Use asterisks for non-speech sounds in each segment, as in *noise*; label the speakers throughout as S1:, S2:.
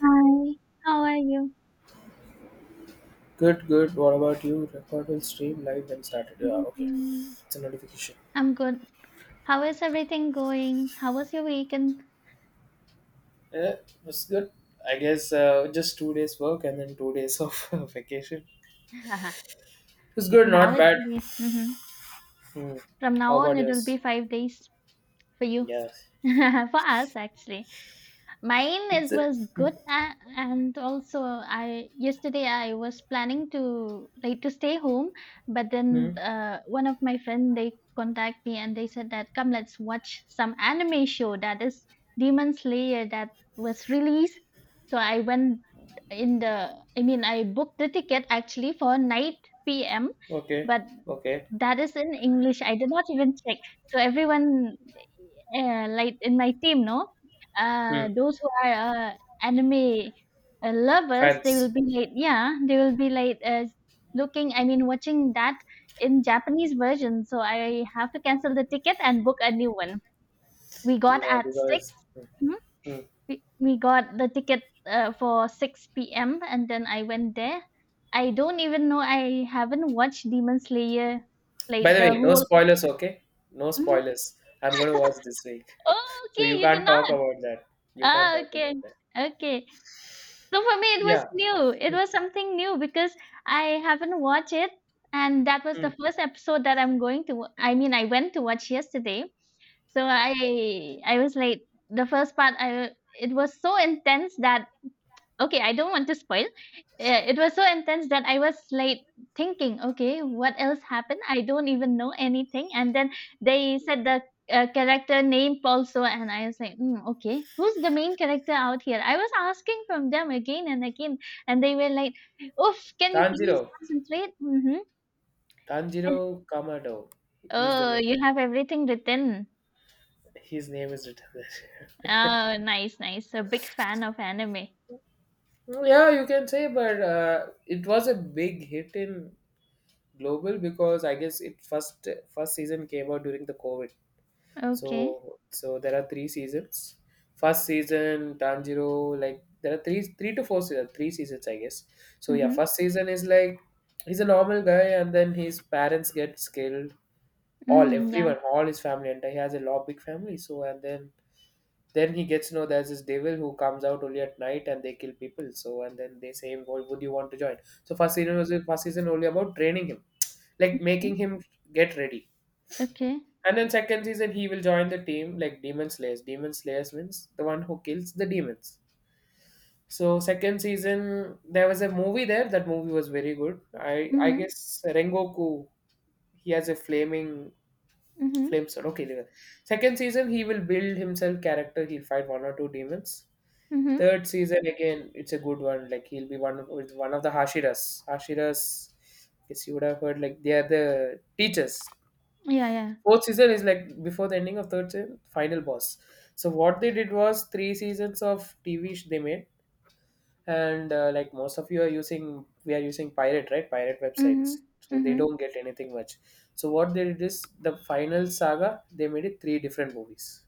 S1: Hi, how are you?
S2: Good, good. What about you? Record will stream live and started. Yeah, okay.
S1: Mhm.
S2: It's a notification.
S1: I'm good. How is everything going? How was your weekend?
S2: Yeah, it's good. I guess just 2 days work and then 2 days of *laughs* vacation.
S1: *laughs*
S2: It's good,
S1: Now
S2: not
S1: it
S2: bad.
S1: will be,
S2: Hmm.
S1: from
S2: How
S1: now on,
S2: about
S1: it will be
S2: yours?
S1: 5 days for you,
S2: Yeah,
S1: *laughs* for us actually. Mine
S2: it's
S1: it
S2: a,
S1: was
S2: hmm.
S1: good a and also I yesterday I was planning to like to stay home, but
S2: Hmm.
S1: then one of my friend they contact me and they said that come, let's watch some anime show that is Demon Slayer that was released. So I went in the, I mean, I booked the ticket actually for 9 p.m.,
S2: Okay,
S1: but
S2: okay.
S1: that is in English. I did not even check. So everyone, like in my team, no?
S2: Hmm.
S1: Those who are anime lovers, they will
S2: Fans.
S1: be like, yeah, they will be like looking, I mean, watching that in Japanese version. So I have to cancel the ticket and book a new one. We got
S2: Yeah,
S1: at 6.
S2: because. Hmm.
S1: Mhm.
S2: Hmm.
S1: We got the ticket for 6 p.m. and then I went there. I don't even know, I haven't watched Demon Slayer
S2: By
S1: like
S2: the way,
S1: the
S2: no
S1: whole.
S2: spoilers. Okay, no
S1: Mhm.
S2: spoilers. I'm gonna watch this week,
S1: Oh,
S2: so you
S1: okay, you
S2: can't
S1: did
S2: talk
S1: not.
S2: about that. You can't
S1: Ah,
S2: talk
S1: okay.
S2: about that.
S1: Okay. So for me, it was
S2: Yeah.
S1: new. It
S2: Hmm.
S1: was something new because I haven't watched it, and that was
S2: Hmm.
S1: the first episode that I'm going to. I mean, I went to watch yesterday. So I was like the first part. I, it was so intense that, okay, I don't want to spoil. It was so intense that I was like thinking, okay, what else happened? I don't even know anything. And then they said the character name also, and I was like, okay, who's the main character out here? I was asking from them again and again, and they were like, oof, can you please
S2: Tanjiro.
S1: concentrate? Mm-hmm.
S2: Tanjiro Kamado. He's the
S1: Oh,
S2: main
S1: you have
S2: character.
S1: everything written.
S2: His name is written there.
S1: Oh, nice, nice. A big fan of anime.
S2: *laughs* Yeah, you can say, but it was a big hit in global because I guess it first season came out during the COVID.
S1: Okay.
S2: So there are three seasons. First season Tanjiro, like there are three to four seasons, three seasons I guess. So yeah,
S1: Mm-hmm.
S2: first season is like he's a normal guy and then his parents get killed. All
S1: Mm-hmm. Yeah.
S2: everyone, all his family, and he has a lot big family. So and then he gets to know there's this devil who comes out only at night and they kill people. So and then they say, "Well, would you want to join?" So first season was first season only about training him, like making
S1: Okay.
S2: him get ready.
S1: Okay.
S2: And then second season he will join the team like demon slayers. Demon slayers means the one who kills the demons. So second season there was a movie there. That movie was very good. I
S1: Mm-hmm.
S2: guess Rengoku, he has a flaming
S1: Mm-hmm.
S2: flame sword. Okay, there. Second season he will build himself character. He'll fight one or two demons.
S1: Mhm.
S2: Third season again, it's a good one. Like he'll be one of, with one of the Hashiras. Hashiras, I guess you would have heard. Like they are the teachers.
S1: Yeah, yeah.
S2: Fourth season is like before the ending of third season, final boss. So what they did was three seasons of TV they made, and like most of you are using, we are using pirate, right, pirate websites.
S1: Mhm.
S2: So they
S1: Mhm.
S2: don't get anything much. So what they did is the final saga. They made it three different movies.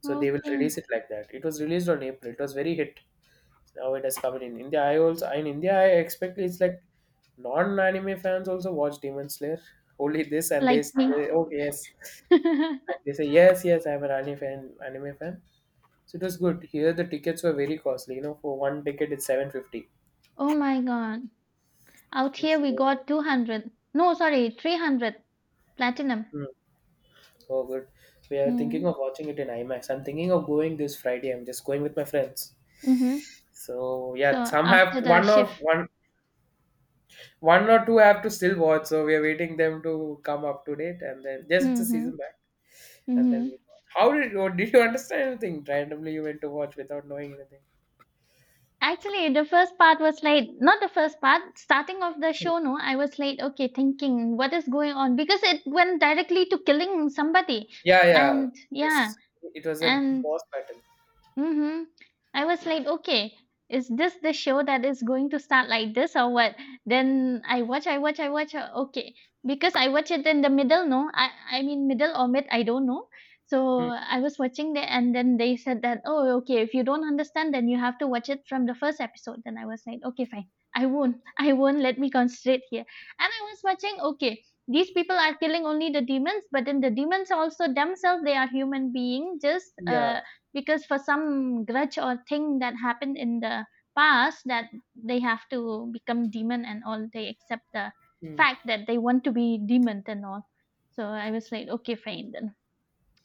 S2: So they will
S1: Okay.
S2: release it like that. It was released on April. It was very hit. Now it has come in India. I also in India I expect it's like non-anime fans also watch Demon Slayer. *laughs* Only this and they
S1: Like me.
S2: say, oh yes, and
S1: *laughs*
S2: they say yes, yes, I'm an anime fan. Anime fan. So it was good. Here the tickets were very costly. You know, for one ticket it's 750.
S1: Oh my God. Out here we
S2: So,
S1: got 200. No, sorry, 300 platinum.
S2: hmm, oh good. We are
S1: Mm.
S2: thinking of watching it in IMAX. I'm thinking of going this Friday. I'm just going with my friends.
S1: Mhm.
S2: So
S1: So
S2: yeah, some have
S1: after the
S2: one of
S1: shift.
S2: one one or two have to still watch, so we are waiting them to come up to date, and then just the
S1: Mhm.
S2: season back, and
S1: Mhm.
S2: then we watch. How did you, understand anything? Randomly, you went to watch without knowing anything.
S1: Actually, the first part was late. Not the first part. Starting of the
S2: Hmm.
S1: show, no, I was late. Okay, thinking what is going on because it went directly to killing somebody,
S2: Yeah, yeah,
S1: and yeah,
S2: yes. It was a
S1: and
S2: boss battle.
S1: mhm, I was like, okay, is this the show that is going to start like this or what? Then I watch. Okay, because I watch it in the middle. No, I mean middle or mid, I don't know.
S2: Hmm.
S1: So I was watching there, and then they said that, oh, okay, if you don't understand, then you have to watch it from the first episode. Then I was like, okay, fine, I won't. Let me concentrate here. And I was watching. Okay, these people are killing only the demons, but then the demons also themselves, they are human being, just
S2: Yeah.
S1: because for some grudge or thing that happened in the past that they have to become demon and all. They accept the
S2: Hmm.
S1: fact that they want to be demon and all. So I was like, okay, fine, then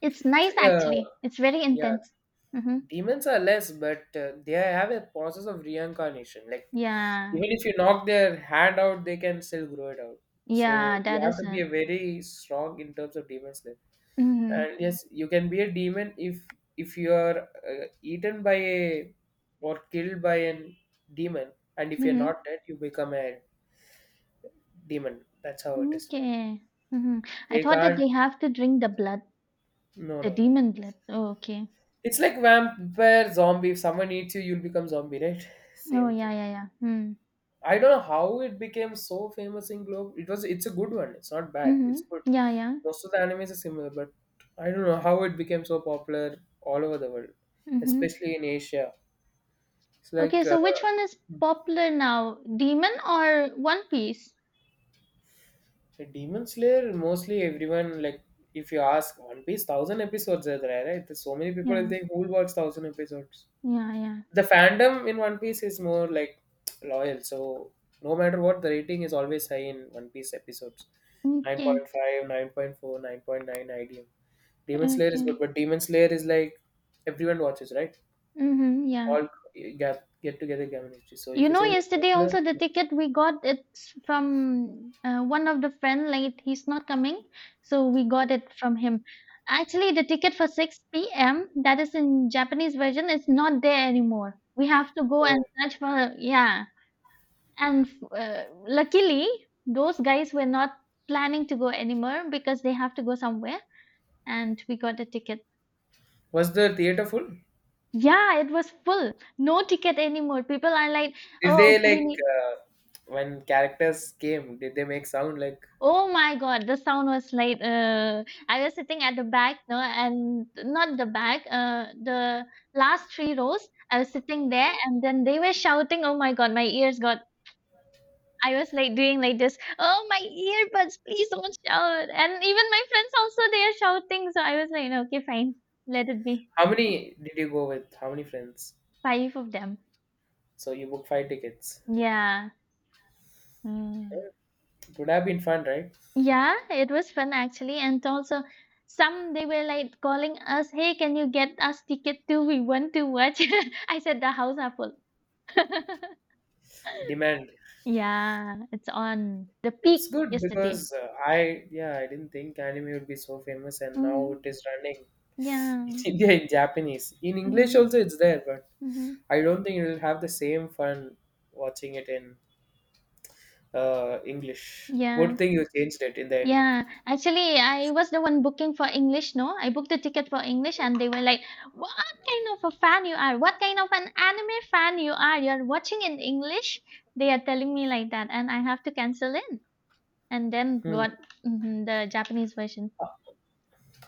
S1: it's
S2: So,
S1: nice
S2: yeah,
S1: actually. It's very
S2: yeah.
S1: intense. Mm-hmm.
S2: Demons are less, but they have a process of reincarnation. Like
S1: Yeah,
S2: even if you knock their hand out, they can still grow it out.
S1: yeah,
S2: So you
S1: that
S2: have to be
S1: isn't.
S2: a very strong in terms of demons.
S1: Mm-hmm.
S2: And yes, you can be a demon if you are eaten by a or killed by an demon, and if you're
S1: Mm-hmm.
S2: not dead you become a demon. That's how it is made.
S1: Okay. Mm-hmm. I
S2: They
S1: thought that
S2: can't.
S1: they have to drink the blood,
S2: No,
S1: the
S2: no, no.
S1: demon blood. Oh, okay.
S2: It's like vampire zombie. If someone eats you, you'll become zombie, right? *laughs*
S1: Oh
S2: Same thing.
S1: yeah, yeah, yeah. Mm.
S2: I don't know how it became so famous in globe. It was, it's a good one. It's not bad,
S1: Mm-hmm.
S2: it's good.
S1: Yeah, yeah.
S2: Most of the animes are similar, but I don't know how it became so popular all over the world,
S1: Mm-hmm.
S2: especially in Asia. It's like
S1: Okay, so which one is popular now? Demon or One Piece?
S2: so Demon Slayer, mostly everyone like. If you ask One Piece, thousand episodes are there, right? There's so many people
S1: Yeah,
S2: think who will watch thousand episodes.
S1: yeah, yeah.
S2: The fandom in One Piece is more like loyal, so no matter what, the rating is always high in One Piece episodes. nine
S1: Okay,
S2: point five nine point four IDM. Demon Slayer is good,
S1: okay.
S2: but Demon Slayer is like everyone watches, right?
S1: Mm-hmm, yeah.
S2: All get together community. So
S1: You
S2: if you
S1: know,
S2: say who's
S1: yesterday
S2: popular.
S1: also the ticket we got it's from one of the friend. Like, he's not coming, so we got it from him. Actually, the ticket for 6 p.m. that is in Japanese version is not there anymore. We have to go
S2: Oh,
S1: and search for, yeah. And luckily those guys were not planning to go anymore because they have to go somewhere, and we got a ticket.
S2: was the theater full?
S1: Yeah, it was full. No ticket anymore. People are like,
S2: Did
S1: oh
S2: they
S1: okay, we
S2: like
S1: need.
S2: when characters came? Did they make sound like?
S1: Oh my God, the sound was like I was sitting at the back, no, and not the back, the last three rows I was sitting there, and then they were shouting. Oh my God, my ears got, I was like doing like this, oh my earbuds, please don't shout. And even my friends also they are shouting. So I was like, "No, okay, fine. Let it be."
S2: How many did you go with? How many friends?
S1: Five of them.
S2: So you book five tickets.
S1: Yeah. Mm.
S2: Eh, it would have been fun, right?
S1: Yeah, it was fun actually. And also some they were like calling us, hey, can you get us ticket too? We want to watch. *laughs* I said the house are full. *laughs*
S2: Demand.
S1: Yeah, it's on the
S2: It's
S1: peak
S2: good
S1: yesterday.
S2: because I, yeah, I didn't think anime would be so famous and now
S1: Hmm.
S2: it is running *laughs*
S1: Yeah.
S2: in India in Japanese. In English
S1: Hmm.
S2: also it's there, but
S1: Hmm.
S2: I don't think you'll have the same fun watching it in English. Good
S1: Yeah.
S2: thing you changed it in the end.
S1: Yeah, actually, I was the one booking for English, no? I booked the ticket for English and they were like, "What kind of a fan you are? What kind of an anime fan you are? You're watching in English?" They are telling me like that, and I have to cancel it and then
S2: Hmm.
S1: got mhm, the Japanese version.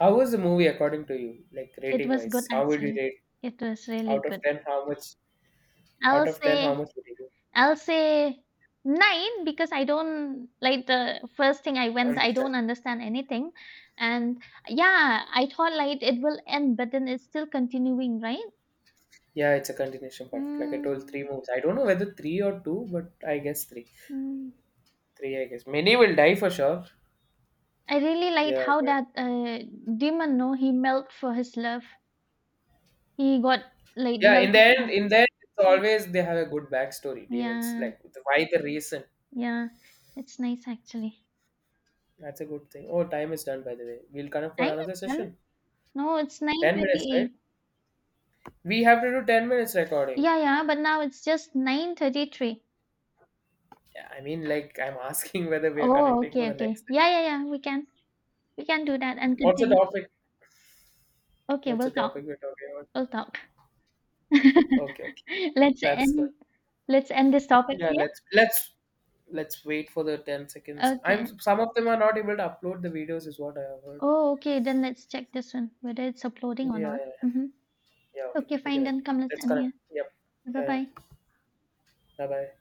S2: How was the movie according to you? Like
S1: It
S2: rating
S1: was good,
S2: wise, how would you
S1: actually.
S2: rate?
S1: It was really
S2: Out of
S1: good.
S2: ten, how much? Out
S1: I'll
S2: of ten, how
S1: say
S2: much would you do?
S1: I'll say 9 because I don't like the first thing I went, I
S2: Understand?
S1: don't understand anything. And yeah, I thought like it will end, but then it's still continuing, right?
S2: Yeah, it's a continuation part. Like I told, three
S1: Mm,
S2: movies. I don't know whether three or two, but I guess three.
S1: mm.
S2: Three, I guess. Many will die for sure.
S1: I really liked
S2: Yeah,
S1: how
S2: but
S1: that demon, no, he melted for his love. He got like
S2: yeah,
S1: melted for.
S2: in the end, it's
S1: Mm.
S2: always they have a good backstory. Demons,
S1: Yeah,
S2: like the, why the reason?
S1: yeah, it's nice actually.
S2: That's a good thing. Oh, time is done by the way. We'll connect for
S1: I
S2: another session.
S1: understand. No, it's
S2: 10 minutes, right?
S1: 9:28.
S2: We have to do 10 minutes recording.
S1: Yeah, yeah, but now it's just 9:33.
S2: Yeah, I mean, like I'm *laughs* asking whether we are
S1: Oh,
S2: connecting for
S1: okay,
S2: the
S1: okay.
S2: next
S1: Yeah,
S2: session.
S1: yeah, yeah. We can do that and
S2: What's the
S1: continue.
S2: topic?
S1: Okay,
S2: What's the
S1: we'll talk.
S2: topic we're talking about?
S1: We'll talk.
S2: Okay, okay.
S1: *laughs* Let's
S2: That's good.
S1: end let's end this topic
S2: Yeah,
S1: here.
S2: let's wait for the 10 seconds. I'm
S1: Okay.
S2: some of them are not able to upload the videos, is what I have heard.
S1: Oh, okay. Then let's check this one, whether it's uploading or
S2: Yeah,
S1: not.
S2: yeah,
S1: Mm-hmm.
S2: yeah. Okay,
S1: Okay,
S2: okay
S1: fine.
S2: then.
S1: Then come, let's
S2: Let's
S1: end
S2: connect.
S1: here.
S2: Yep. Yeah,
S1: Bye-bye.
S2: yeah. Bye bye.